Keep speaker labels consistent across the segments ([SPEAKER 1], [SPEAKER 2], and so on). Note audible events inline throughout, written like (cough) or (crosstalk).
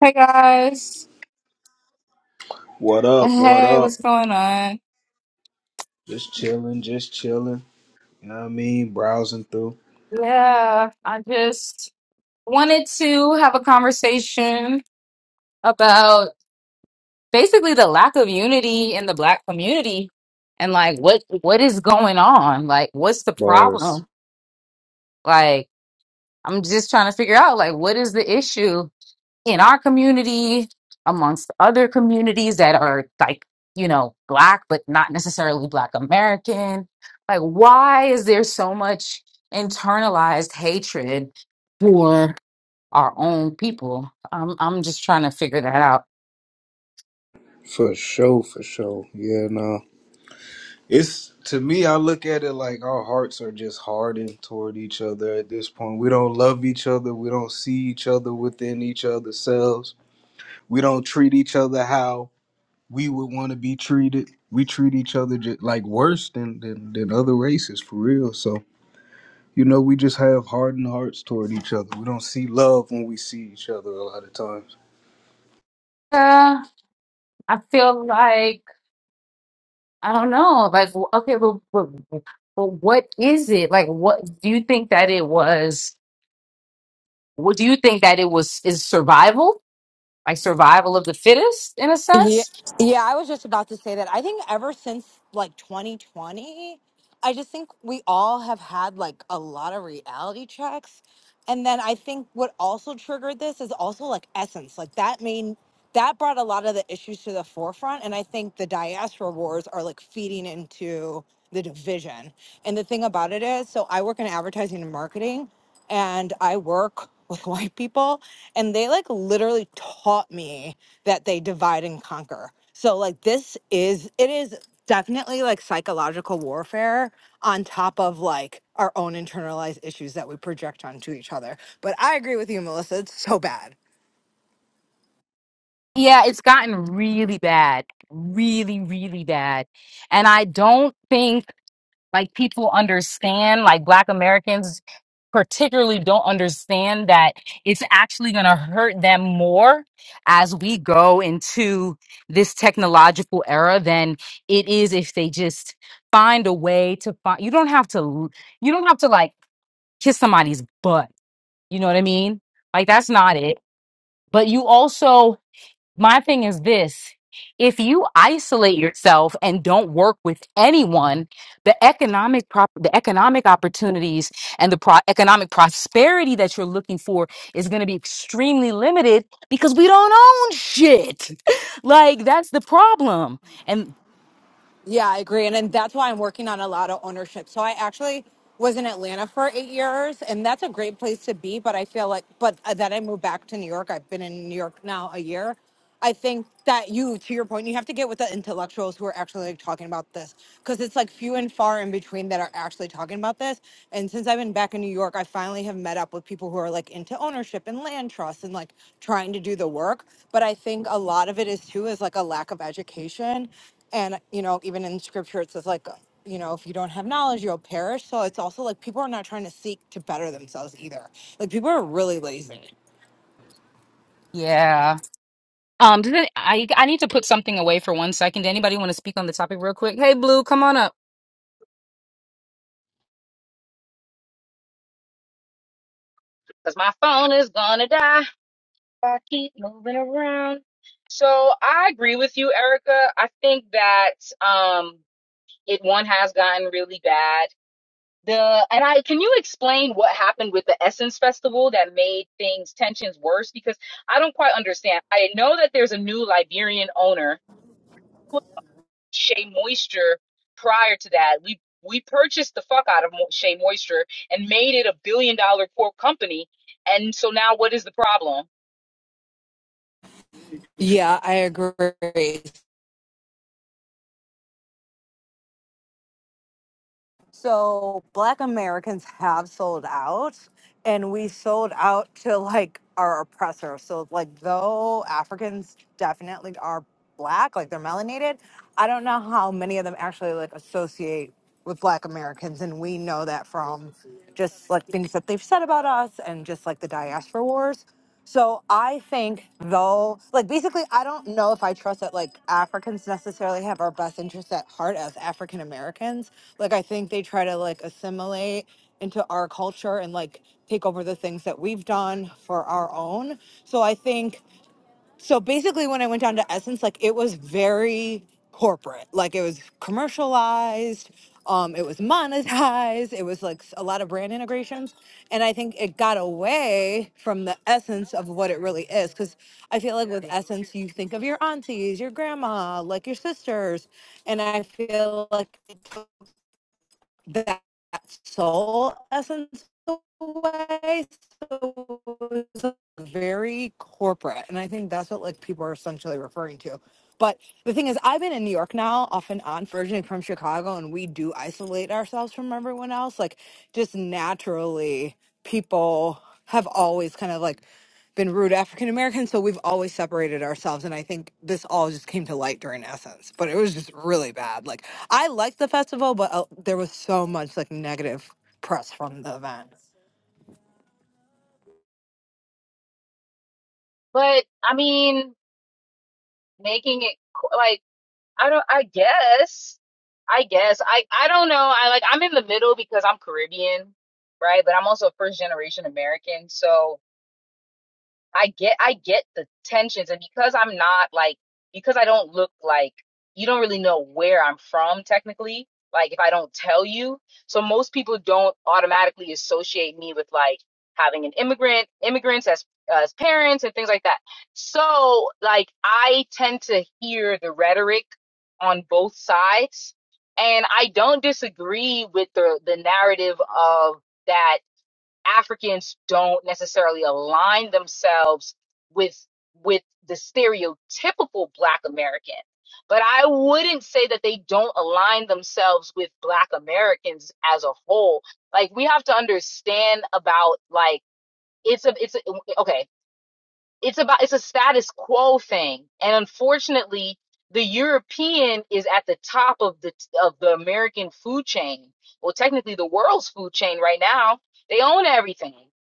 [SPEAKER 1] Hey guys.
[SPEAKER 2] What up? What
[SPEAKER 1] Hey,
[SPEAKER 2] up?
[SPEAKER 1] what's going on?
[SPEAKER 2] Just chilling, just chilling. You know what I mean? Browsing through
[SPEAKER 1] Yeah, I just wanted to have a conversation about basically the lack of unity in the black community and like what what is going on? Like what's the
[SPEAKER 2] bars.
[SPEAKER 1] problem? Like I'm just trying to figure out like what is the issue? in our community, amongst other communities that are like, you know, Black, but not necessarily Black American. Like, why is there so much internalized hatred for our own people? I'm, I'm just trying to figure that out.
[SPEAKER 2] For sure, for sure. Yeah, no. It's to me, I look at it like our hearts are just hardened toward each other at this point. We don't love each other. We don't see each other within each other's selves. We don't treat each other how we would want to be treated. We treat each other just like worse than, than than other races for real. So You know, we just have hardened hearts toward each other. We don't see love when we see each other a lot of times.
[SPEAKER 1] Uh, I feel like, I don't know, like, w- okay, but, but, but what is it? Like, what do you think that it was? What do you think that it was? Is survival? Like survival of the fittest in a
[SPEAKER 3] Yeah,
[SPEAKER 1] sense?
[SPEAKER 3] yeah, I was just about to say that. I think ever since like 2020, I just think we all have had like a lot of reality checks. And then I think what also triggered this is also like essence. Like that mean that brought a lot of the issues to the forefront. And I think the diaspora wars are like feeding into the division. And the thing about it is, so I work in advertising and marketing and I work with (laughs) white people and they like literally taught me that they divide and conquer. So like this is it is definitely like psychological warfare on top of like our own internalized issues that we project onto each other. But I agree with you, Melissa. It's so bad.
[SPEAKER 1] Yeah, it's gotten really bad, really, really bad. And I don't think like people understand, like Black Americans particularly don't understand that it's actually going to hurt them more as we go into this technological era than it is if they just find a way to find you don't have to you don't have to like kiss somebody's butt. You know what I mean? Like that's not it. But you also my thing is this if you isolate yourself and don't work with anyone, the economic prop- the economic opportunities and the pro- economic prosperity that you're looking for is going to be extremely limited because we don't own shit. (laughs) like that's the problem. And
[SPEAKER 3] Yeah, I agree. And, and that's why I'm working on a lot of ownership. So I actually was in Atlanta for eight years, and that's a great place to be. But I feel like, but then I moved back to New York. I've been in New York now a year. I think that you, to your point, you have to get with the intellectuals who are actually like, talking about this because it's like few and far in between that are actually talking about this. And since I've been back in New York, I finally have met up with people who are like into ownership and land trust and like trying to do the work. But I think a lot of it is too is like a lack of education and you know even in scripture it says like uh, you know if you don't have knowledge you'll perish so it's also like people are not trying to seek to better themselves either like people are really lazy
[SPEAKER 1] yeah. Um does it, I I need to put something away for one second. Anybody want to speak on the topic real quick? Hey Blue, come on up. Cuz my phone is going to die. I keep moving around. So I agree with you, Erica. I think that um it one has gotten really bad. The and I can you explain what happened with the Essence Festival that made things tensions worse? Because I don't quite understand. I know that there's a new Liberian owner who Shea Moisture prior to that. We we purchased the fuck out of Mo- Shea Moisture and made it a billion dollar corp company. And so now what is the problem?
[SPEAKER 3] yeah i agree So black Americans (laughs) have sold out and we sold out to like our oppressor. So like though Africans definitely are black, like they're melanated, I don't know how many of them actually like associate with black Americans and we know that from just like things that they've said about us and just like the diaspora wars. So I think though, like basically, I don't know if I trust that like Africans necessarily have our best interests at heart as African Americans. Like I think they try to like assimilate into our culture and like take over the things that we've done for our own. So I think so basically when i went down to essence like it was very corporate like it was commercialized um it was monetized it was like s- a lot of brand integrations and i think it got away from the essence of what it really is because i feel like with essence you think of your aunties your grandma like your sisters and i feel like it that soul essence away. So it was very corporate. And I think that's what like people are essentially referring to. But the thing is, I've been in New York now, off and on, originally from Chicago, and we do isolate ourselves from everyone else. Like just naturally, people have always kind of like been rude to African Americans. so we've always separated ourselves. And I think this all just came to light during Essence, but it was just really bad. Like I liked the festival, but uh, there was so much like negative press from the event.
[SPEAKER 1] But I mean, making it qu- like I don't I guess I guess I I don't know I like I'm in the middle because I'm Caribbean right but I'm also first generation American so I get I get the tensions and because I'm not like because I don't look like you don't really know where I'm from technically like if I don't tell you so most people don't automatically associate me with like having an immigrant immigrants as as parents and things like that so like I tend to hear the rhetoric on both sides and I don't disagree with the the narrative of that Africans don't necessarily align themselves with with the stereotypical black American. But I wouldn't say that they don't align themselves with black Americans as a whole. Like we have to understand about like it's a it's a, okay it's about it's a status quo thing and unfortunately the european is at the top of the of the american food chain well technically the world's food chain right now they own everything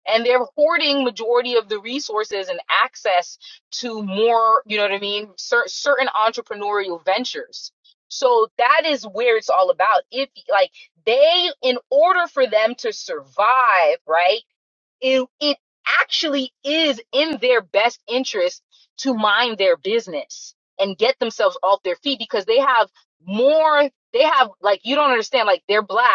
[SPEAKER 1] and they're hoarding majority of the resources and access to more you know what i mean cer- certain entrepreneurial ventures so that is where it's all about if like they in order for them to survive right it, it actually is in their best interest to mind their business and get themselves off their feet because they have more they have like you don't understand like they're black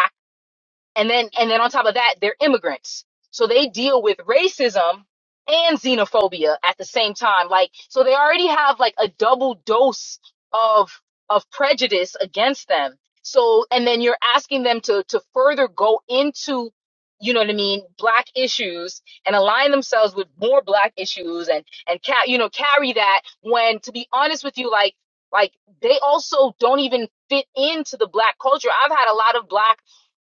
[SPEAKER 1] and then and then on top of that they're immigrants so they deal with racism and xenophobia at the same time like so they already have like a double dose of of prejudice against them so and then you're asking them to to further go into you know what i mean black issues and align themselves with more black issues and and ca- you know carry that when to be honest with you like like they also don't even fit into the black culture i've had a lot of black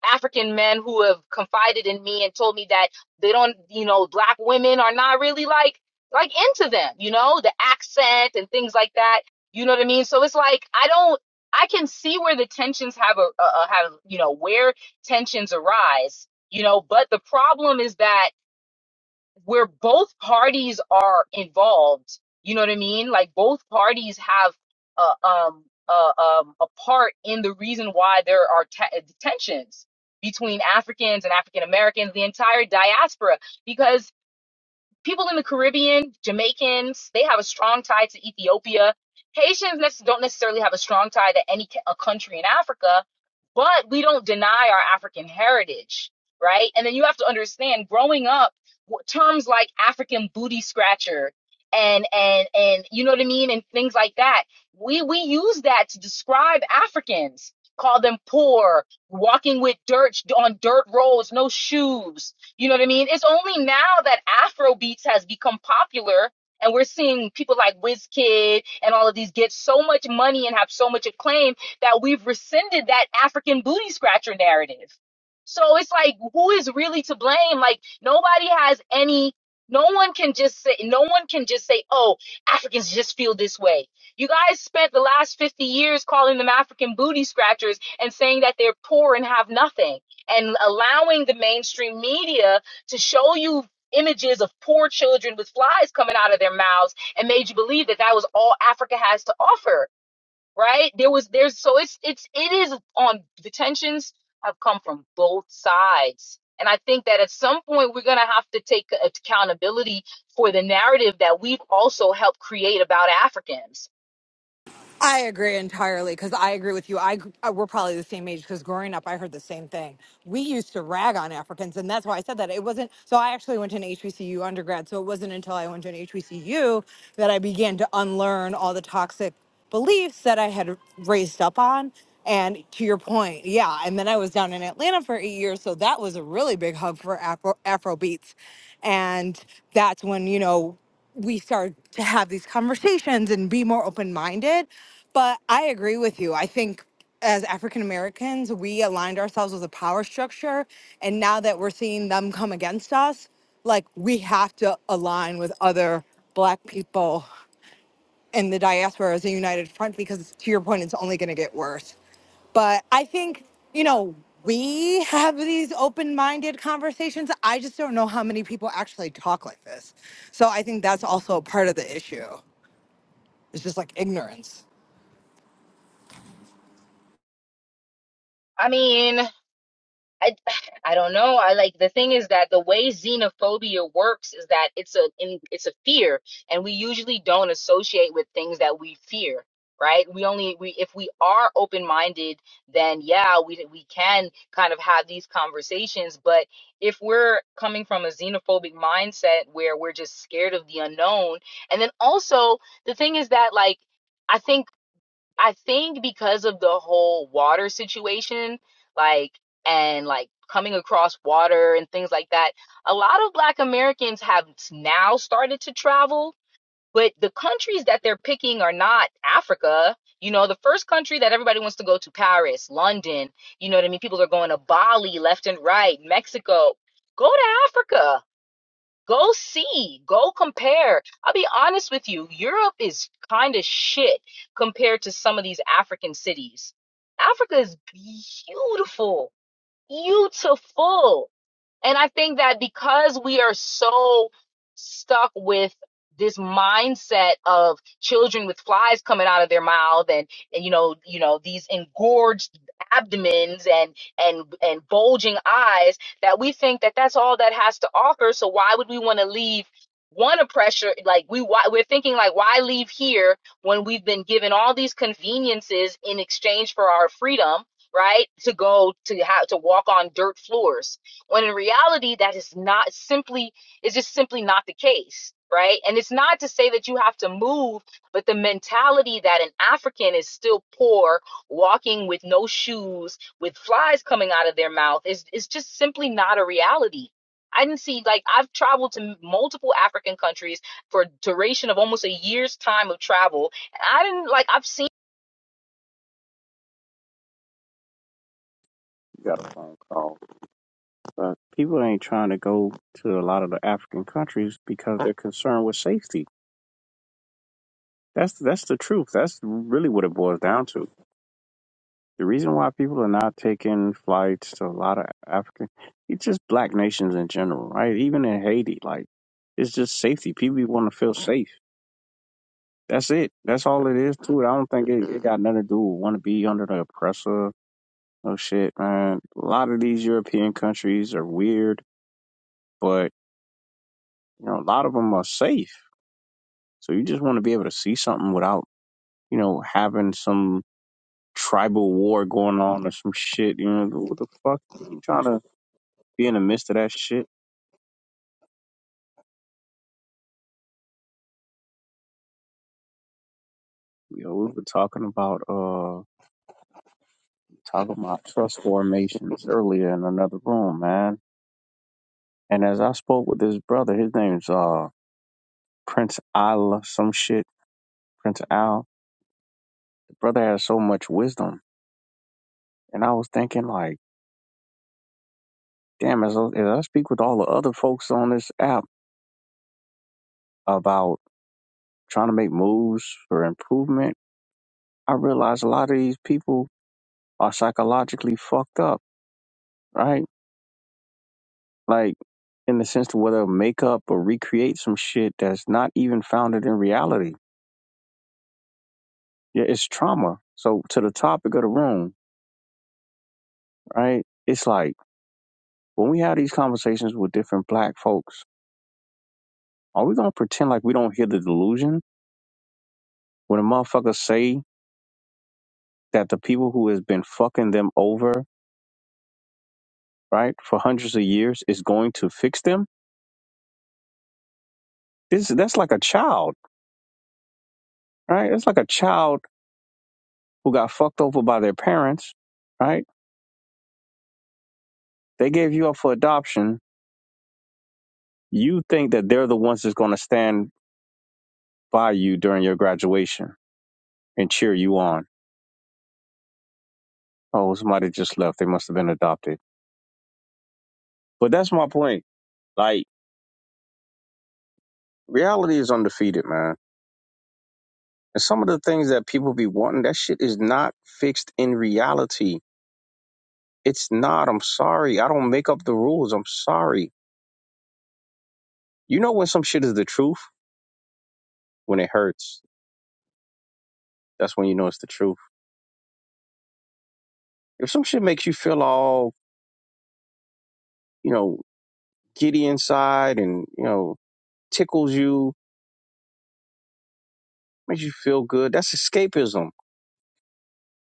[SPEAKER 1] African men who have confided in me and told me that they don't, you know, black women are not really like like into them, you know, the accent and things like that. You know what I mean? So it's like I don't I can see where the tensions have a, a a- have, you know, where tensions arise, you know, but the problem is that where both parties are involved. You know what I mean? Like both parties have a um a um a part in the reason why there are te- tensions between Africans and African Americans, the entire diaspora, because people in the Caribbean, Jamaicans, they have a strong tie to Ethiopia. Haitians nec- don't necessarily have a strong tie to any ca- a country in Africa, but we don't deny our African heritage, right? And then you have to understand, growing up, w- terms like African booty scratcher and and and you know what I mean, and things like that, we we use that to describe Africans. Call them poor, walking with dirt on dirt roads, no shoes, you know what I mean? It's only now that Afro beats has become popular and we're seeing people like Wizkid and all of these get so much money and have so much acclaim that we've rescinded that African booty scratcher narrative. So it's like, who is really to blame? Like nobody has any, no one can just say, no one can just say, oh, Africans just feel this way. You guys spent the last 50 years calling them African booty scratchers and saying that they're poor and have nothing and allowing the mainstream media to show you images of poor children with flies coming out of their mouths and made you believe that that was all Africa has to offer right there was there's so it's it's it is on the tensions have come from both sides and i think that at some point we're going to have to take accountability for the narrative that we've also helped create about africans
[SPEAKER 3] I agree entirely because I agree with you. I, gr- uh we're probably the same age because growing up, I heard the same thing. We used to rag on Africans, and that's why I said that. It wasn't so. I actually went to an HBCU undergrad, so it wasn't until I went to an HBCU that I began to unlearn all the toxic beliefs that I had raised up on. And to your point, yeah. And then I was down in Atlanta for eight years, so that was a really big hub for Afro Afro beats, and that's when you know we start to have these conversations and be more open minded. But I agree with you. I think as African Americans, we aligned ourselves with a power structure. And now that we're seeing them come against us, like we have to align with other Black people and the diaspora as a united front because to your point it's only going to get worse but i think you know we have these open-minded conversations i just don't know how many people actually talk like this so i think that's also a part of the issue it's just like ignorance
[SPEAKER 1] i mean I, I don't know. I like the thing is that the way xenophobia works is that it's a in, it's a fear, and we usually don't associate with things that we fear, right? We only we if we are open minded, then yeah, we we can kind of have these conversations. But if we're coming from a xenophobic mindset where we're just scared of the unknown, and then also the thing is that like. I think I think because of the whole water situation, like, and like coming across water and things like that, a lot of Black Americans have now started to travel, but the countries that they're picking are not Africa. You know, the first country that everybody wants to go to, Paris, London, you know what I mean? People are going to Bali left and right, Mexico. Go to Africa Go see, go compare. I'll be honest with you, Europe is kind of shit compared to some of these African cities. Africa is beautiful, beautiful. And I think that because we are so stuck with this mindset of children with flies coming out of their mouth and, and you know, you know, these engorged abdomens and and and bulging eyes that we think that that's all that has to offer. So why would we want to leave one oppressor like we why, we're thinking like why leave here when we've been given all these conveniences in exchange for our freedom, right? To go to have to walk on dirt floors when in reality that is not simply its just simply not the case right and it's not to say that you have to move but the mentality that an african is still poor walking with no shoes with flies coming out of their mouth is is just simply not a reality i didn't see like i've traveled to multiple african countries for a duration of almost a year's time of travel and i didn't like i've seen
[SPEAKER 4] got a phone call. Uh, people ain't trying to go to a lot of the African countries because they're concerned with safety. That's that's the truth. That's really what it boils down to. The reason why people are not taking flights to a lot of African, it's just black nations in general, right? Even in Haiti, like it's just safety. People want to feel safe. That's it. That's all it is to it. I don't think it, it got nothing to do with want to be under the oppressor. No shit, man. A lot of these European countries are weird, but. You know, a lot of them are safe. So you just want to be able to see something without, you know, having some tribal war going on or some shit. You know, what the fuck? You trying to be in the midst of that shit? You know, we were talking about uh talking about trust formations earlier in another room, man. And as I spoke with this brother, his name's uh Prince Al some shit. Prince Al. The brother has so much wisdom. And I was thinking like, damn, as I, as I speak with all the other folks on this app about trying to make moves for improvement, I realize a lot of these people are psychologically fucked up, right? Like in the sense to whether make up or recreate some shit that's not even founded in reality. Yeah, it's trauma. So to the topic of the room, right? It's like when we have these conversations with different black folks, are we gonna pretend like we don't hear the delusion when a motherfucker say that the people who has been fucking them over, right, for hundreds of years is going to fix them? This that's like a child. right? It's like a child who got fucked over by their parents, right? They gave you up for adoption. You think that they're the ones that's going to stand by you during your graduation and cheer you on. Oh, somebody just left. They must have been adopted. But that's my point. Like, reality is undefeated, man. And some of the things that people be wanting, that shit is not fixed in reality. It's not. I'm sorry. I don't make up the rules. I'm sorry. You know when some shit is the truth? When it hurts. That's when you know it's the truth If some shit makes you feel all, you know, giddy inside and, you know, tickles you, makes you feel good, that's escapism.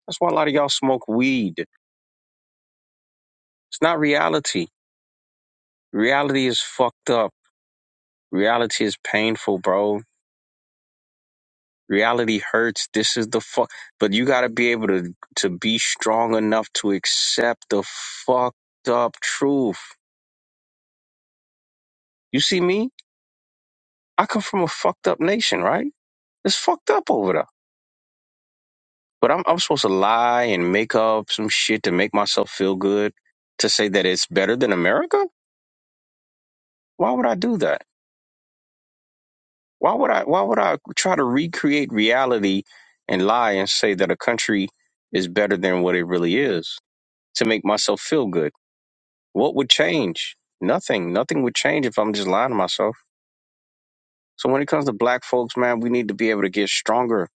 [SPEAKER 4] That's why a lot of y'all smoke weed. It's not reality. Reality is fucked up. Reality is painful, bro. Reality hurts. This is the fuck. But you got to be able to to be strong enough to accept the fucked up truth. You see me? I come from a fucked up nation, right? It's fucked up over there But I'm I'm supposed to lie and make up some shit to make myself feel good to say that it's better than America? Why would I do that? Why would I why would I try to recreate reality and lie and say that a country is better than what it really is to make myself feel good? What would change? Nothing. Nothing would change if I'm just lying to myself. So when it comes to black folks, man, we need to be able to get stronger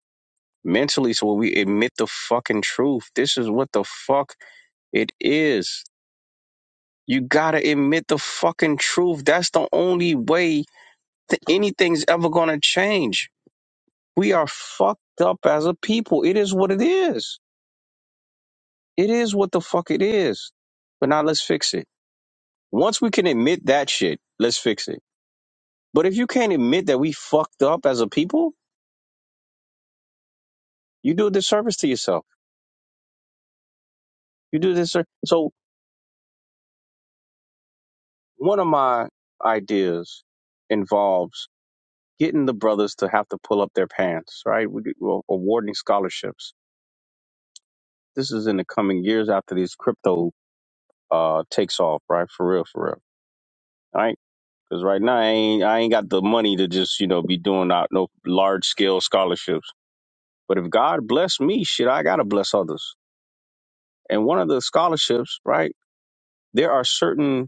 [SPEAKER 4] mentally so we admit the fucking truth. This is what the fuck it is You gotta admit the fucking truth. That's the only way that anything's ever gonna change. We are fucked up as a people. It is what it is. It is what the fuck it is. But now let's fix it. Once we can admit that shit, let's fix it. But if you can't admit that we fucked up as a people, you do a disservice to yourself. You do this. So one of my ideas involves getting the brothers to have to pull up their pants, right? We, well, awarding scholarships This is in the coming years after these crypto uh takes off, right? For real, for real. All right. Because right now I ain't I ain't got the money to just, you know, be doing out no large scale scholarships. But if God bless me, shit, I gotta bless others. And one of the scholarships, right, there are certain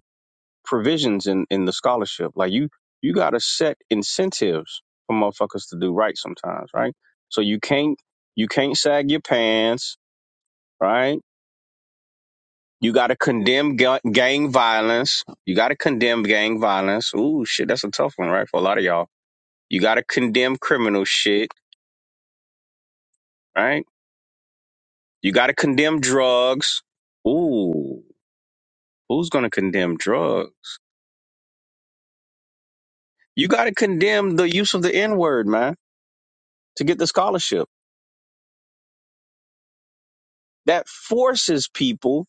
[SPEAKER 4] provisions in, in the scholarship. Like you you gotta set incentives for motherfuckers to do right sometimes, right? So you can't you can't sag your pants, right? You got to condemn ga- gang violence. You got to condemn gang violence. Ooh, shit, that's a tough one, right? For a lot of y'all. You got to condemn criminal shit, right? You got to condemn drugs. Ooh, who's going to condemn drugs? You got to condemn the use of the N word, man, to get the scholarship. That forces people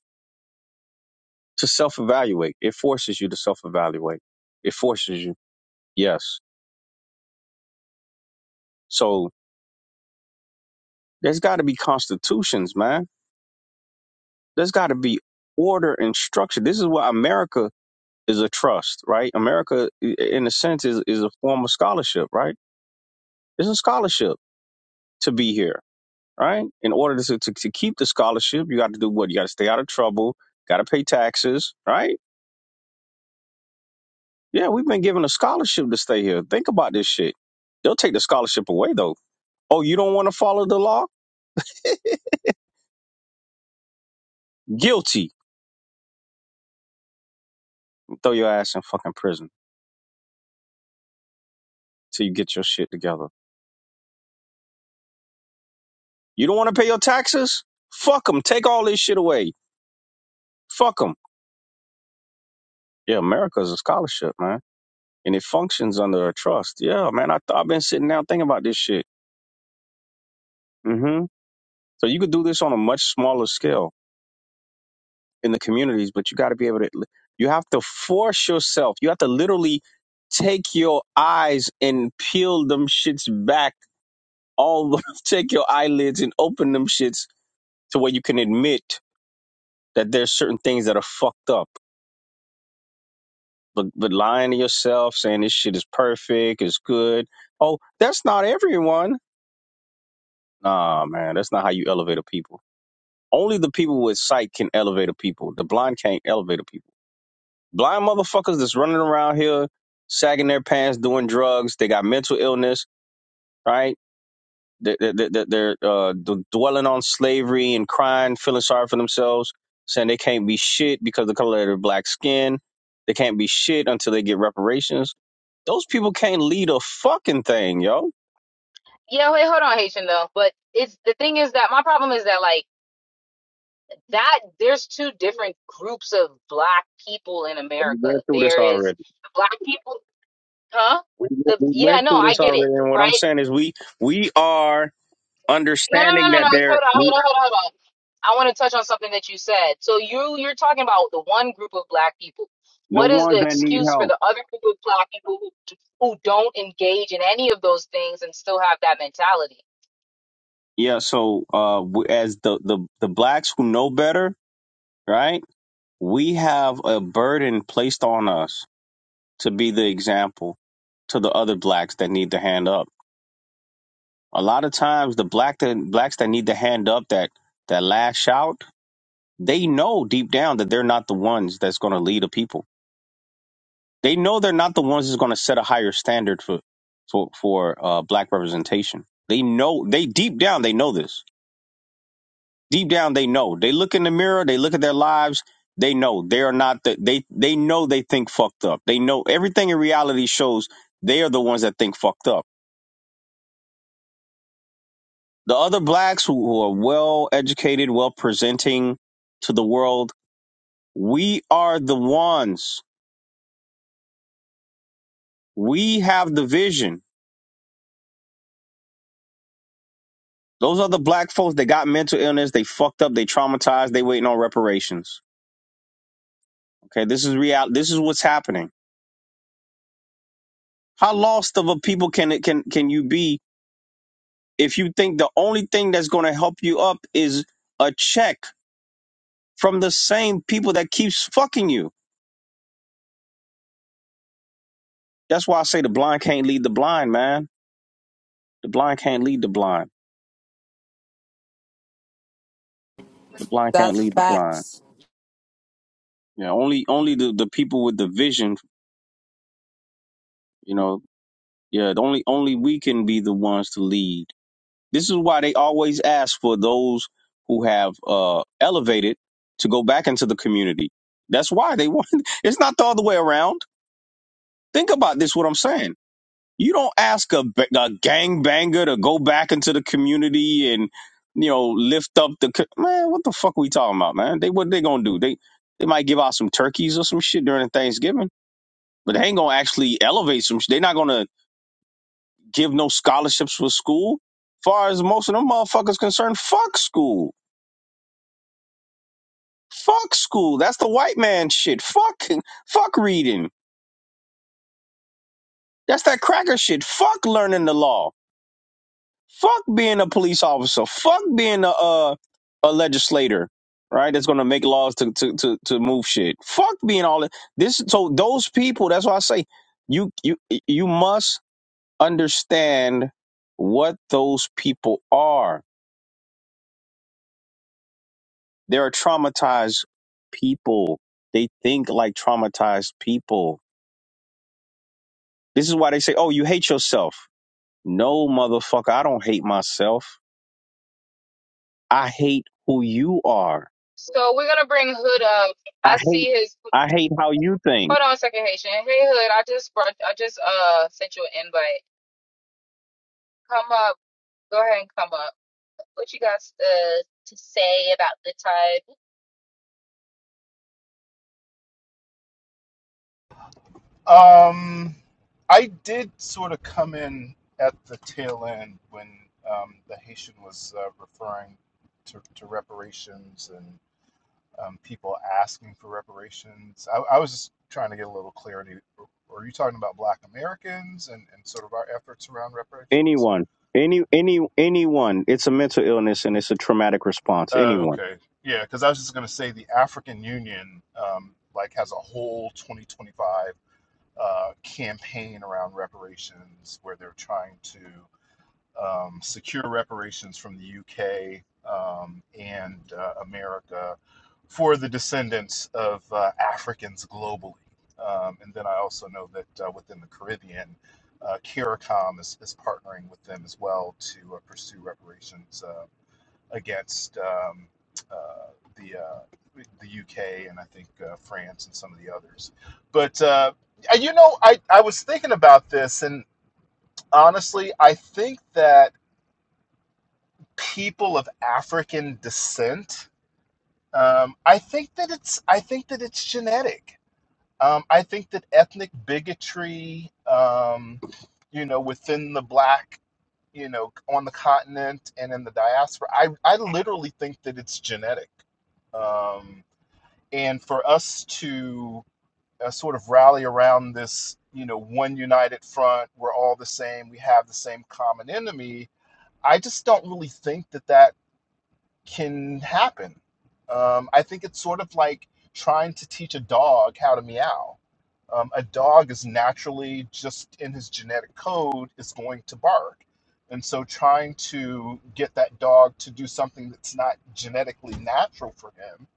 [SPEAKER 4] to self evaluate. It forces you to self evaluate. It forces you. Yes. So there's got to be constitutions, man There's got to be order and structure. This is why America is a trust, right? America, i- in a sense, is, is a form of scholarship, right? It's a scholarship to be here, right? In order to, to, to keep the scholarship, you got to do what? You got to stay out of trouble, got to pay taxes, right? Yeah, we've been given a scholarship to stay here. Think about this shit. They'll take the scholarship away, though. Oh, you don't want to follow the law? Guilty. Throw your ass in fucking prison till you get your shit together. You don't want to pay your taxes? Fuck them. Take all this shit away. Fuck them. Yeah, America's a scholarship, man, and it functions under a trust. Yeah, man, I th- I've been sitting down thinking about this shit. hmm So you could do this on a much smaller scale in the communities, but you got to be able to. You have to force yourself. You have to literally take your eyes and peel them shits back. All the- (laughs) take your eyelids and open them shits to where you can admit that there's certain things that are fucked up. But but lying to yourself, saying this shit is perfect, is good. Oh, that's not everyone Nah, man, that's not how you elevate a people. Only the people with sight can elevate a people. The blind can't elevate a people. Blind motherfuckers that's running around here, sagging their pants, doing drugs. They got mental illness, right? They're, they're, they're uh, d- dwelling on slavery and crying, feeling sorry for themselves, saying they can't be shit because of the color of their black skin. They can't be shit until they get reparations. Those people can't lead a fucking thing, yo.
[SPEAKER 1] yeah wait hold on haitian though but it's the thing is that my problem is that like that there's two different groups of black people in
[SPEAKER 4] We
[SPEAKER 1] America.
[SPEAKER 4] went through this
[SPEAKER 1] There
[SPEAKER 4] already.
[SPEAKER 1] is black people, huh?
[SPEAKER 4] We,
[SPEAKER 1] The
[SPEAKER 4] we
[SPEAKER 1] yeah,
[SPEAKER 4] went
[SPEAKER 1] no,
[SPEAKER 4] through
[SPEAKER 1] I
[SPEAKER 4] this
[SPEAKER 1] get it,
[SPEAKER 4] already, and what I'm
[SPEAKER 1] right?
[SPEAKER 4] saying is we we are
[SPEAKER 1] No, no, no,
[SPEAKER 4] understanding
[SPEAKER 1] no,
[SPEAKER 4] that
[SPEAKER 1] no. Hold
[SPEAKER 4] they're
[SPEAKER 1] on, hold on, hold on, hold on. I want to touch on something that you said. So you you're talking about the one group of black people.
[SPEAKER 4] the
[SPEAKER 1] What is
[SPEAKER 4] ones
[SPEAKER 1] the
[SPEAKER 4] that need
[SPEAKER 1] excuse for
[SPEAKER 4] help.
[SPEAKER 1] the other group of black people who, who don't engage in any of those things and still have that mentality?
[SPEAKER 4] Yeah. So, uh, we- as the the the blacks who know better, right? We have a burden placed on us to be the example to the other blacks that need to hand up. A lot of times, the black that blacks that need to hand up that that lash out, they know deep down that they're not the ones that's going to lead a people They know they're not the ones that's going to set a higher standard for for for uh, black representation. They know they deep down they know this. Deep down they know. They look in the mirror. They look at their lives. They know they are not the, they they know they think fucked up. They know everything in reality shows they are the ones that think fucked up. The other blacks who, who are well educated, well presenting to the world, we are the ones. We have the vision Those are the black folks that got mental illness. They fucked up. They traumatized. They waiting on reparations. Okay, this is real. This is what's happening. How lost of a people can it can can you be if you think the only thing that's going to help you up is a check from the same people that keeps fucking you? That's why I say the blind can't lead the blind, man. The blind can't lead the blind. The blind can't
[SPEAKER 3] That's
[SPEAKER 4] lead the blind.
[SPEAKER 3] facts.
[SPEAKER 4] Yeah, only only the, the people with the vision. You know, yeah. the Only only we can be the ones to lead This is why they always ask for those who have uh, elevated to go back into the community. That's why they want. (laughs) It's not the other way around. Think about this. What I'm saying. You don't ask a, ba- a gang banger to go back into the community and you know lift up the co- man. What the fuck we talking about, man? They what they gonna do? They they might give out some turkeys or some shit during Thanksgiving, but they ain't gonna actually elevate some. sh- They're not gonna give no scholarships for school. Far as most of them motherfuckers concerned, fuck school Fuck school. That's the white man shit. Fuck fuck reading. That's that cracker shit. Fuck learning the law. Fuck being a police officer. Fuck being a uh, a legislator. Right? That's gonna make laws to, to to to move shit. Fuck being all that. This so those people, that's why I say you you you must understand what those people are. They're traumatized people. They think like traumatized people. This is why they say, "Oh, you hate yourself." No, motherfucker, I don't hate myself. I hate who you are.
[SPEAKER 1] So we're gonna bring Hood up.
[SPEAKER 4] I
[SPEAKER 1] I
[SPEAKER 4] hate
[SPEAKER 1] see his.
[SPEAKER 4] I hate how you think.
[SPEAKER 1] Hold on a second, Haitian. Hey, Hood, I just brought, I just uh sent you an invite. Come up. Go ahead and come up. What you got uh, to say about the time?
[SPEAKER 5] Um, I did sort of come in at the tail end when um, the Haitian was uh, referring to, to reparations and um, people asking for reparations. I, I was just trying to get a little clarity. Are you talking about Black Americans and, and sort of our efforts around reparations?
[SPEAKER 4] Anyone. Any any anyone. It's a mental illness and it's a traumatic response.
[SPEAKER 5] Oh,
[SPEAKER 4] Anyone.
[SPEAKER 5] okay. Yeah, because I was just going to say the African Union um, like has a whole 2025 uh, campaign around reparations where they're trying to. um, secure reparations from the UK um, and uh, America for the descendants of uh, Africans globally. Um, and then I also know that uh, within the Caribbean, uh, CARICOM is, is partnering with them as well to uh, pursue reparations uh, against um, uh, the uh, the UK and I think uh, France and some of the others. But uh, you know, I, I was thinking about this, and honestly, I think that people of African descent, um, I think that it's I think that it's genetic. Um, I think that ethnic bigotry, um, you know, within the black, you know, on the continent and in the diaspora, I I literally think that it's genetic. Um, and for us to uh, sort of rally around this, you know, one united front, we're all the same, we have the same common enemy. I just don't really think that that can happen. Um, I think it's sort of like trying to teach a dog how to meow. Um, a dog is naturally just in his genetic code is going to bark. And so trying to get that dog to do something that's not genetically natural for him,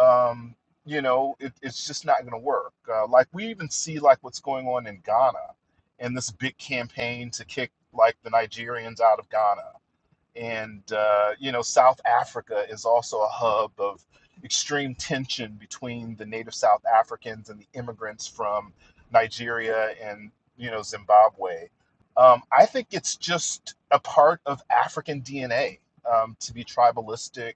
[SPEAKER 5] um, you know, it, it's just not going to work. Uh, like we even see like what's going on in Ghana and this big campaign to kick like the Nigerians out of Ghana and uh, you know South Africa is also a hub of extreme tension between the native South Africans and the immigrants from Nigeria and you know Zimbabwe. Um, I think it's just a part of African DNA um, to be tribalistic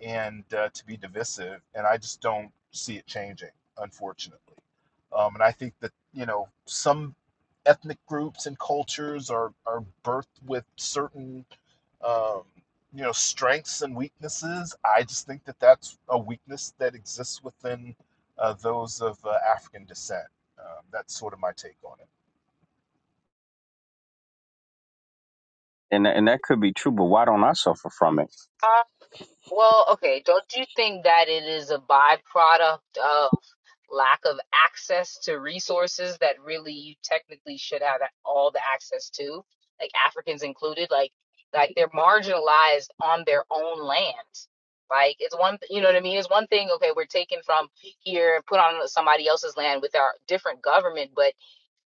[SPEAKER 5] and uh, to be divisive, and I just don't see it changing, unfortunately. Um, and I think that you know some ethnic groups and cultures are are birthed with certain um, you know strengths and weaknesses i just think that that's a weakness that exists within uh, those of uh, african descent um, that's sort of my take on it
[SPEAKER 4] And tha- and that could be true, but why don't I suffer from it?
[SPEAKER 1] Well, okay, don't you think that it is a byproduct of lack of access to resources that really you technically should have a- all the access to, like Africans included, like like they're marginalized on their own land. Like it's one, you know what I mean? It's one thing, okay, we're taken from here and put on somebody else's land with our different government, but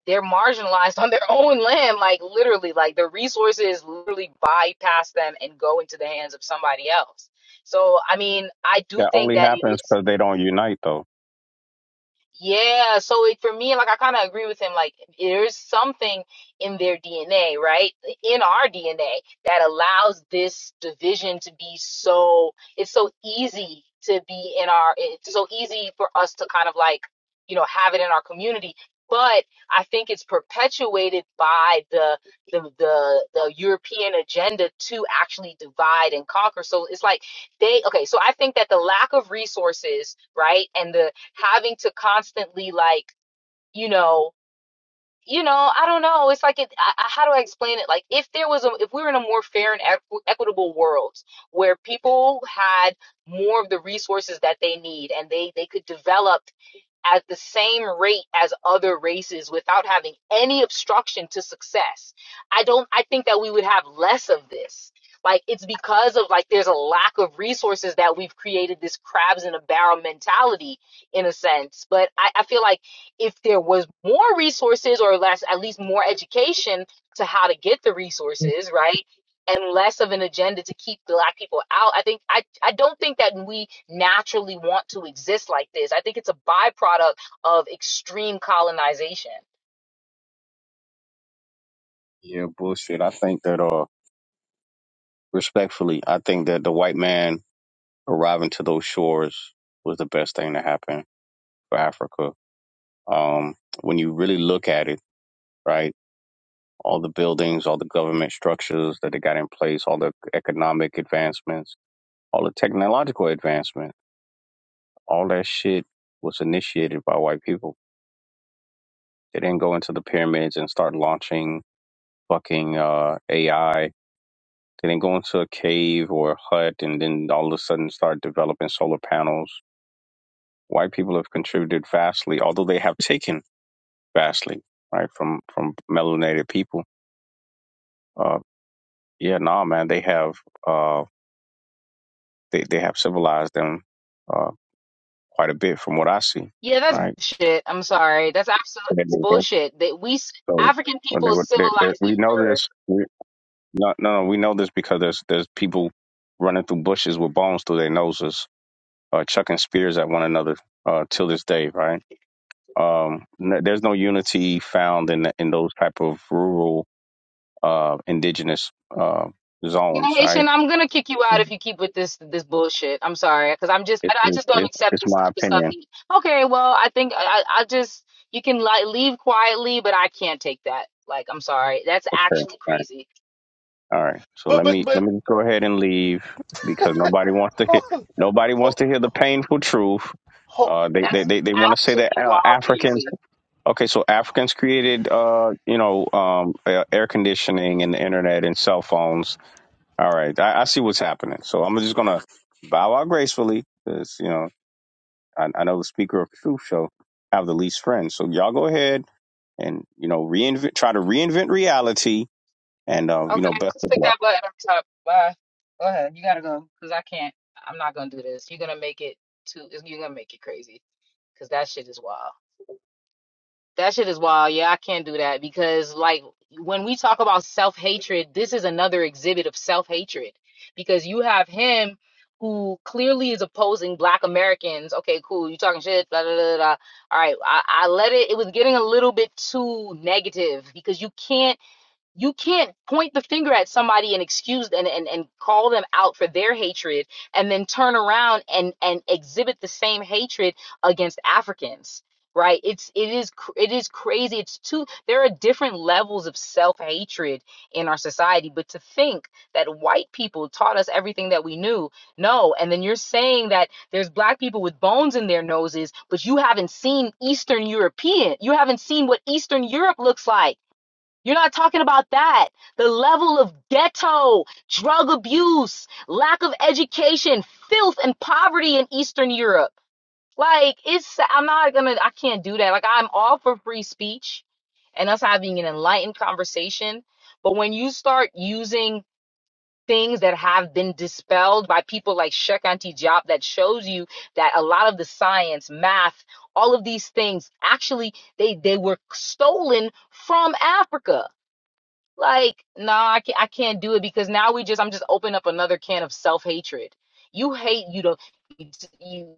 [SPEAKER 1] they're marginalized (laughs) on their own land like literally like the resources literally bypass them and go into the hands of somebody else so i mean i do
[SPEAKER 4] That
[SPEAKER 1] think
[SPEAKER 4] only
[SPEAKER 1] that it
[SPEAKER 4] happens
[SPEAKER 1] is.
[SPEAKER 4] because they don't unite though.
[SPEAKER 1] Yeah, so it, for me, like I kind of agree with him. Like there's something in their DNA, right? In our DNA that allows this division to be so, it's so easy to be in our, it's so easy for us to kind of like, you know, have it in our community. But I think it's perpetuated by the the the, the European agenda to actually divide and conquer. So it's like they, okay, so I think that the lack of resources, right, and the having to constantly like you know you know i don't know it's like it I, how do i explain it like if there was a if we were in a more fair and equ- equitable world where people had more of the resources that they need and they they could develop at the same rate as other races without having any obstruction to success. I don't I think that we would have less of this. Like it's because of like there's a lack of resources that we've created this crabs in a barrel mentality in a sense. But I, I feel like if there was more resources or less at least more education to how to get the resources, right? and less of an agenda to keep black people out. I think I, I don't think that we naturally want to exist like this. I think it's a byproduct of extreme colonization.
[SPEAKER 4] Yeah, bullshit. I think that uh respectfully, I think that the white man arriving to those shores was the best thing to happen for Africa. Um, when you really look at it, right, all the buildings, all the government structures that they got in place, all the economic advancements, all the technological advancement, all that shit was initiated by white people. They didn't go into the pyramids and start launching fucking uh, AI. They didn't go into a cave or a hut and then all of a sudden start developing solar panels. White people have contributed vastly, although they have (laughs) taken vastly, right, from from melanated people Uh, Yeah, no, man, they have uh they, they have civilized them uh quite a bit from what I see,
[SPEAKER 1] Yeah, that's
[SPEAKER 4] right?
[SPEAKER 1] bullshit. I'm sorry. That's absolute
[SPEAKER 4] They did that.
[SPEAKER 1] bullshit. That we
[SPEAKER 4] So
[SPEAKER 1] African
[SPEAKER 4] well, they
[SPEAKER 1] people
[SPEAKER 4] were they, they,
[SPEAKER 1] civilized
[SPEAKER 4] we
[SPEAKER 1] it
[SPEAKER 4] know this
[SPEAKER 1] first.
[SPEAKER 4] we no, no no we know this because there's there's people running through bushes with bones through their noses, uh chucking spears at one another uh till this day, right? Um n- there's no unity found in in those type of rural uh indigenous uh
[SPEAKER 1] Yeah,
[SPEAKER 4] zones, right?
[SPEAKER 1] Haitian, I'm gonna kick you out if you keep with this this bullshit. I'm sorry, because I'm just
[SPEAKER 4] It,
[SPEAKER 1] I, I
[SPEAKER 4] it,
[SPEAKER 1] just don't
[SPEAKER 4] it,
[SPEAKER 1] accept
[SPEAKER 4] it's
[SPEAKER 1] this
[SPEAKER 4] my
[SPEAKER 1] type of stuff.
[SPEAKER 4] opinion.
[SPEAKER 1] He, okay, well I think I I just you can like leave quietly, but I can't take that. Like I'm sorry, that's actually
[SPEAKER 4] Okay.
[SPEAKER 1] crazy.
[SPEAKER 4] All right. So
[SPEAKER 5] but
[SPEAKER 4] let
[SPEAKER 5] but
[SPEAKER 4] me let
[SPEAKER 5] but
[SPEAKER 4] me go ahead and leave because nobody wants to hear
[SPEAKER 5] (laughs)
[SPEAKER 4] nobody wants to hear the painful truth.
[SPEAKER 5] hold,
[SPEAKER 4] Uh, they they
[SPEAKER 1] That's
[SPEAKER 4] they, they want to say that
[SPEAKER 1] absolutely
[SPEAKER 4] uh,
[SPEAKER 1] wild
[SPEAKER 4] Africans.
[SPEAKER 1] crazy.
[SPEAKER 4] Okay, so Africans created uh you know um a- air conditioning and the internet and cell phones. All right, I, I see what's happening. So I'm just gonna bow out gracefully because you know I, I know the speaker of truth shall have the least friends. So y'all go ahead and you know reinvent try to reinvent reality and uh, you know
[SPEAKER 1] Okay,
[SPEAKER 4] best
[SPEAKER 1] just
[SPEAKER 4] of
[SPEAKER 1] pick
[SPEAKER 4] luck.
[SPEAKER 1] that button up top. Bye. Go ahead. You gotta go because I can't. I'm not gonna do this. You're gonna make it too. You're gonna make it crazy because that shit is wild. That shit is wild. Yeah, I can't do that because like when we talk about self hatred, this is another exhibit of self hatred because you have him who clearly is opposing Black Americans. Okay, cool. You talking shit. Blah blah blah. blah. All right, I, I let it. It was getting a little bit too negative because you can't. you can't point the finger at somebody and excuse and, and, and call them out for their hatred and then turn around and, and exhibit the same hatred against Africans right it's it is cr- it is crazy it's too there are different levels of self-hatred in our society but to think that white people taught us everything that we knew no and then you're saying that there's black people with bones in their noses but you haven't seen eastern european you haven't seen what eastern europe looks like you're not talking about that. The level of ghetto, drug abuse, lack of education, filth, and poverty in Eastern Europe. Like, it's, I'm not gonna, I can't do that. Like, I'm all for free speech and us having an enlightened conversation. But when you start using things that have been dispelled by people like Sheikh Anti Job, that shows you that a lot of the science, math, all of these things actually they they were stolen from Africa like, no, I can't, I can't do it because now we just, I'm just opening up another can of self-hatred. You hate, you don't, you,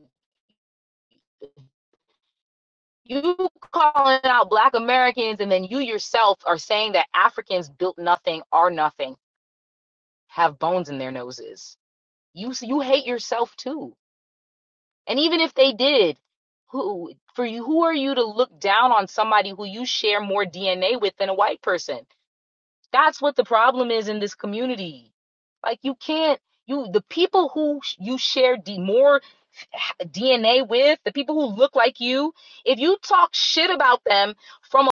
[SPEAKER 1] you calling out Black Americans, and then you yourself are saying that Africans built nothing, are nothing, have bones in their noses. You, s- you hate yourself too. And even if they did, who, for you, who are you to look down on somebody who you share more DNA with than a white person? That's what the problem is in this community. Like you can't you the people who sh- you share d- more h- DNA with, the people who look like you, if you talk shit about them from a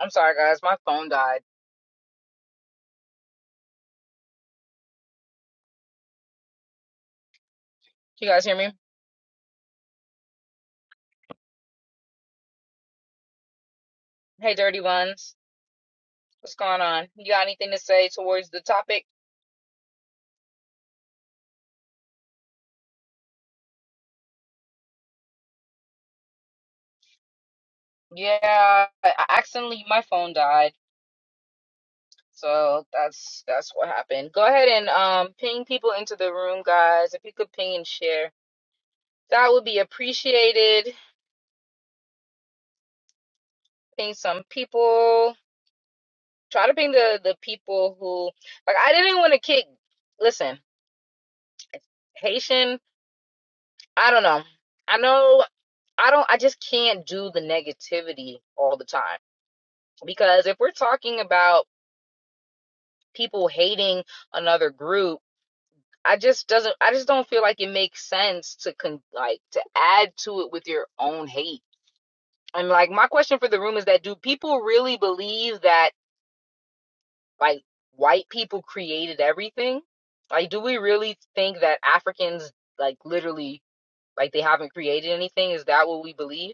[SPEAKER 1] I'm sorry guys, my phone died. Can you guys hear me? Hey dirty ones. What's going on? You got anything to say towards the topic? Yeah, I I accidentally my phone died. So that's that's what happened. Go ahead and um ping people into the room guys. If you could ping and share that would be appreciated. ping some people. Try to ping the the people who like. I didn't want to kick. Listen, Haitian. I don't know. I know. I don't. I just can't do the negativity all the time because if we're talking about people hating another group. I just doesn't I just don't feel like it makes sense to con- like to add to it with your own hate. And like my question for the room is that do people really believe that like white people created everything like do we really think that africans like literally like they haven't created anything is that what we believe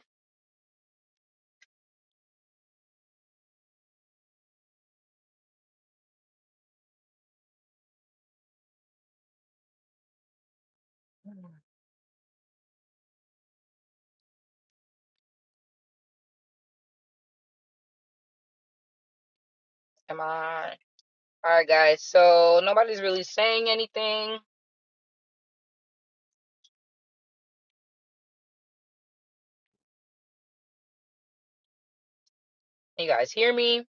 [SPEAKER 1] am i all right guys so nobody's really saying anything you guys hear me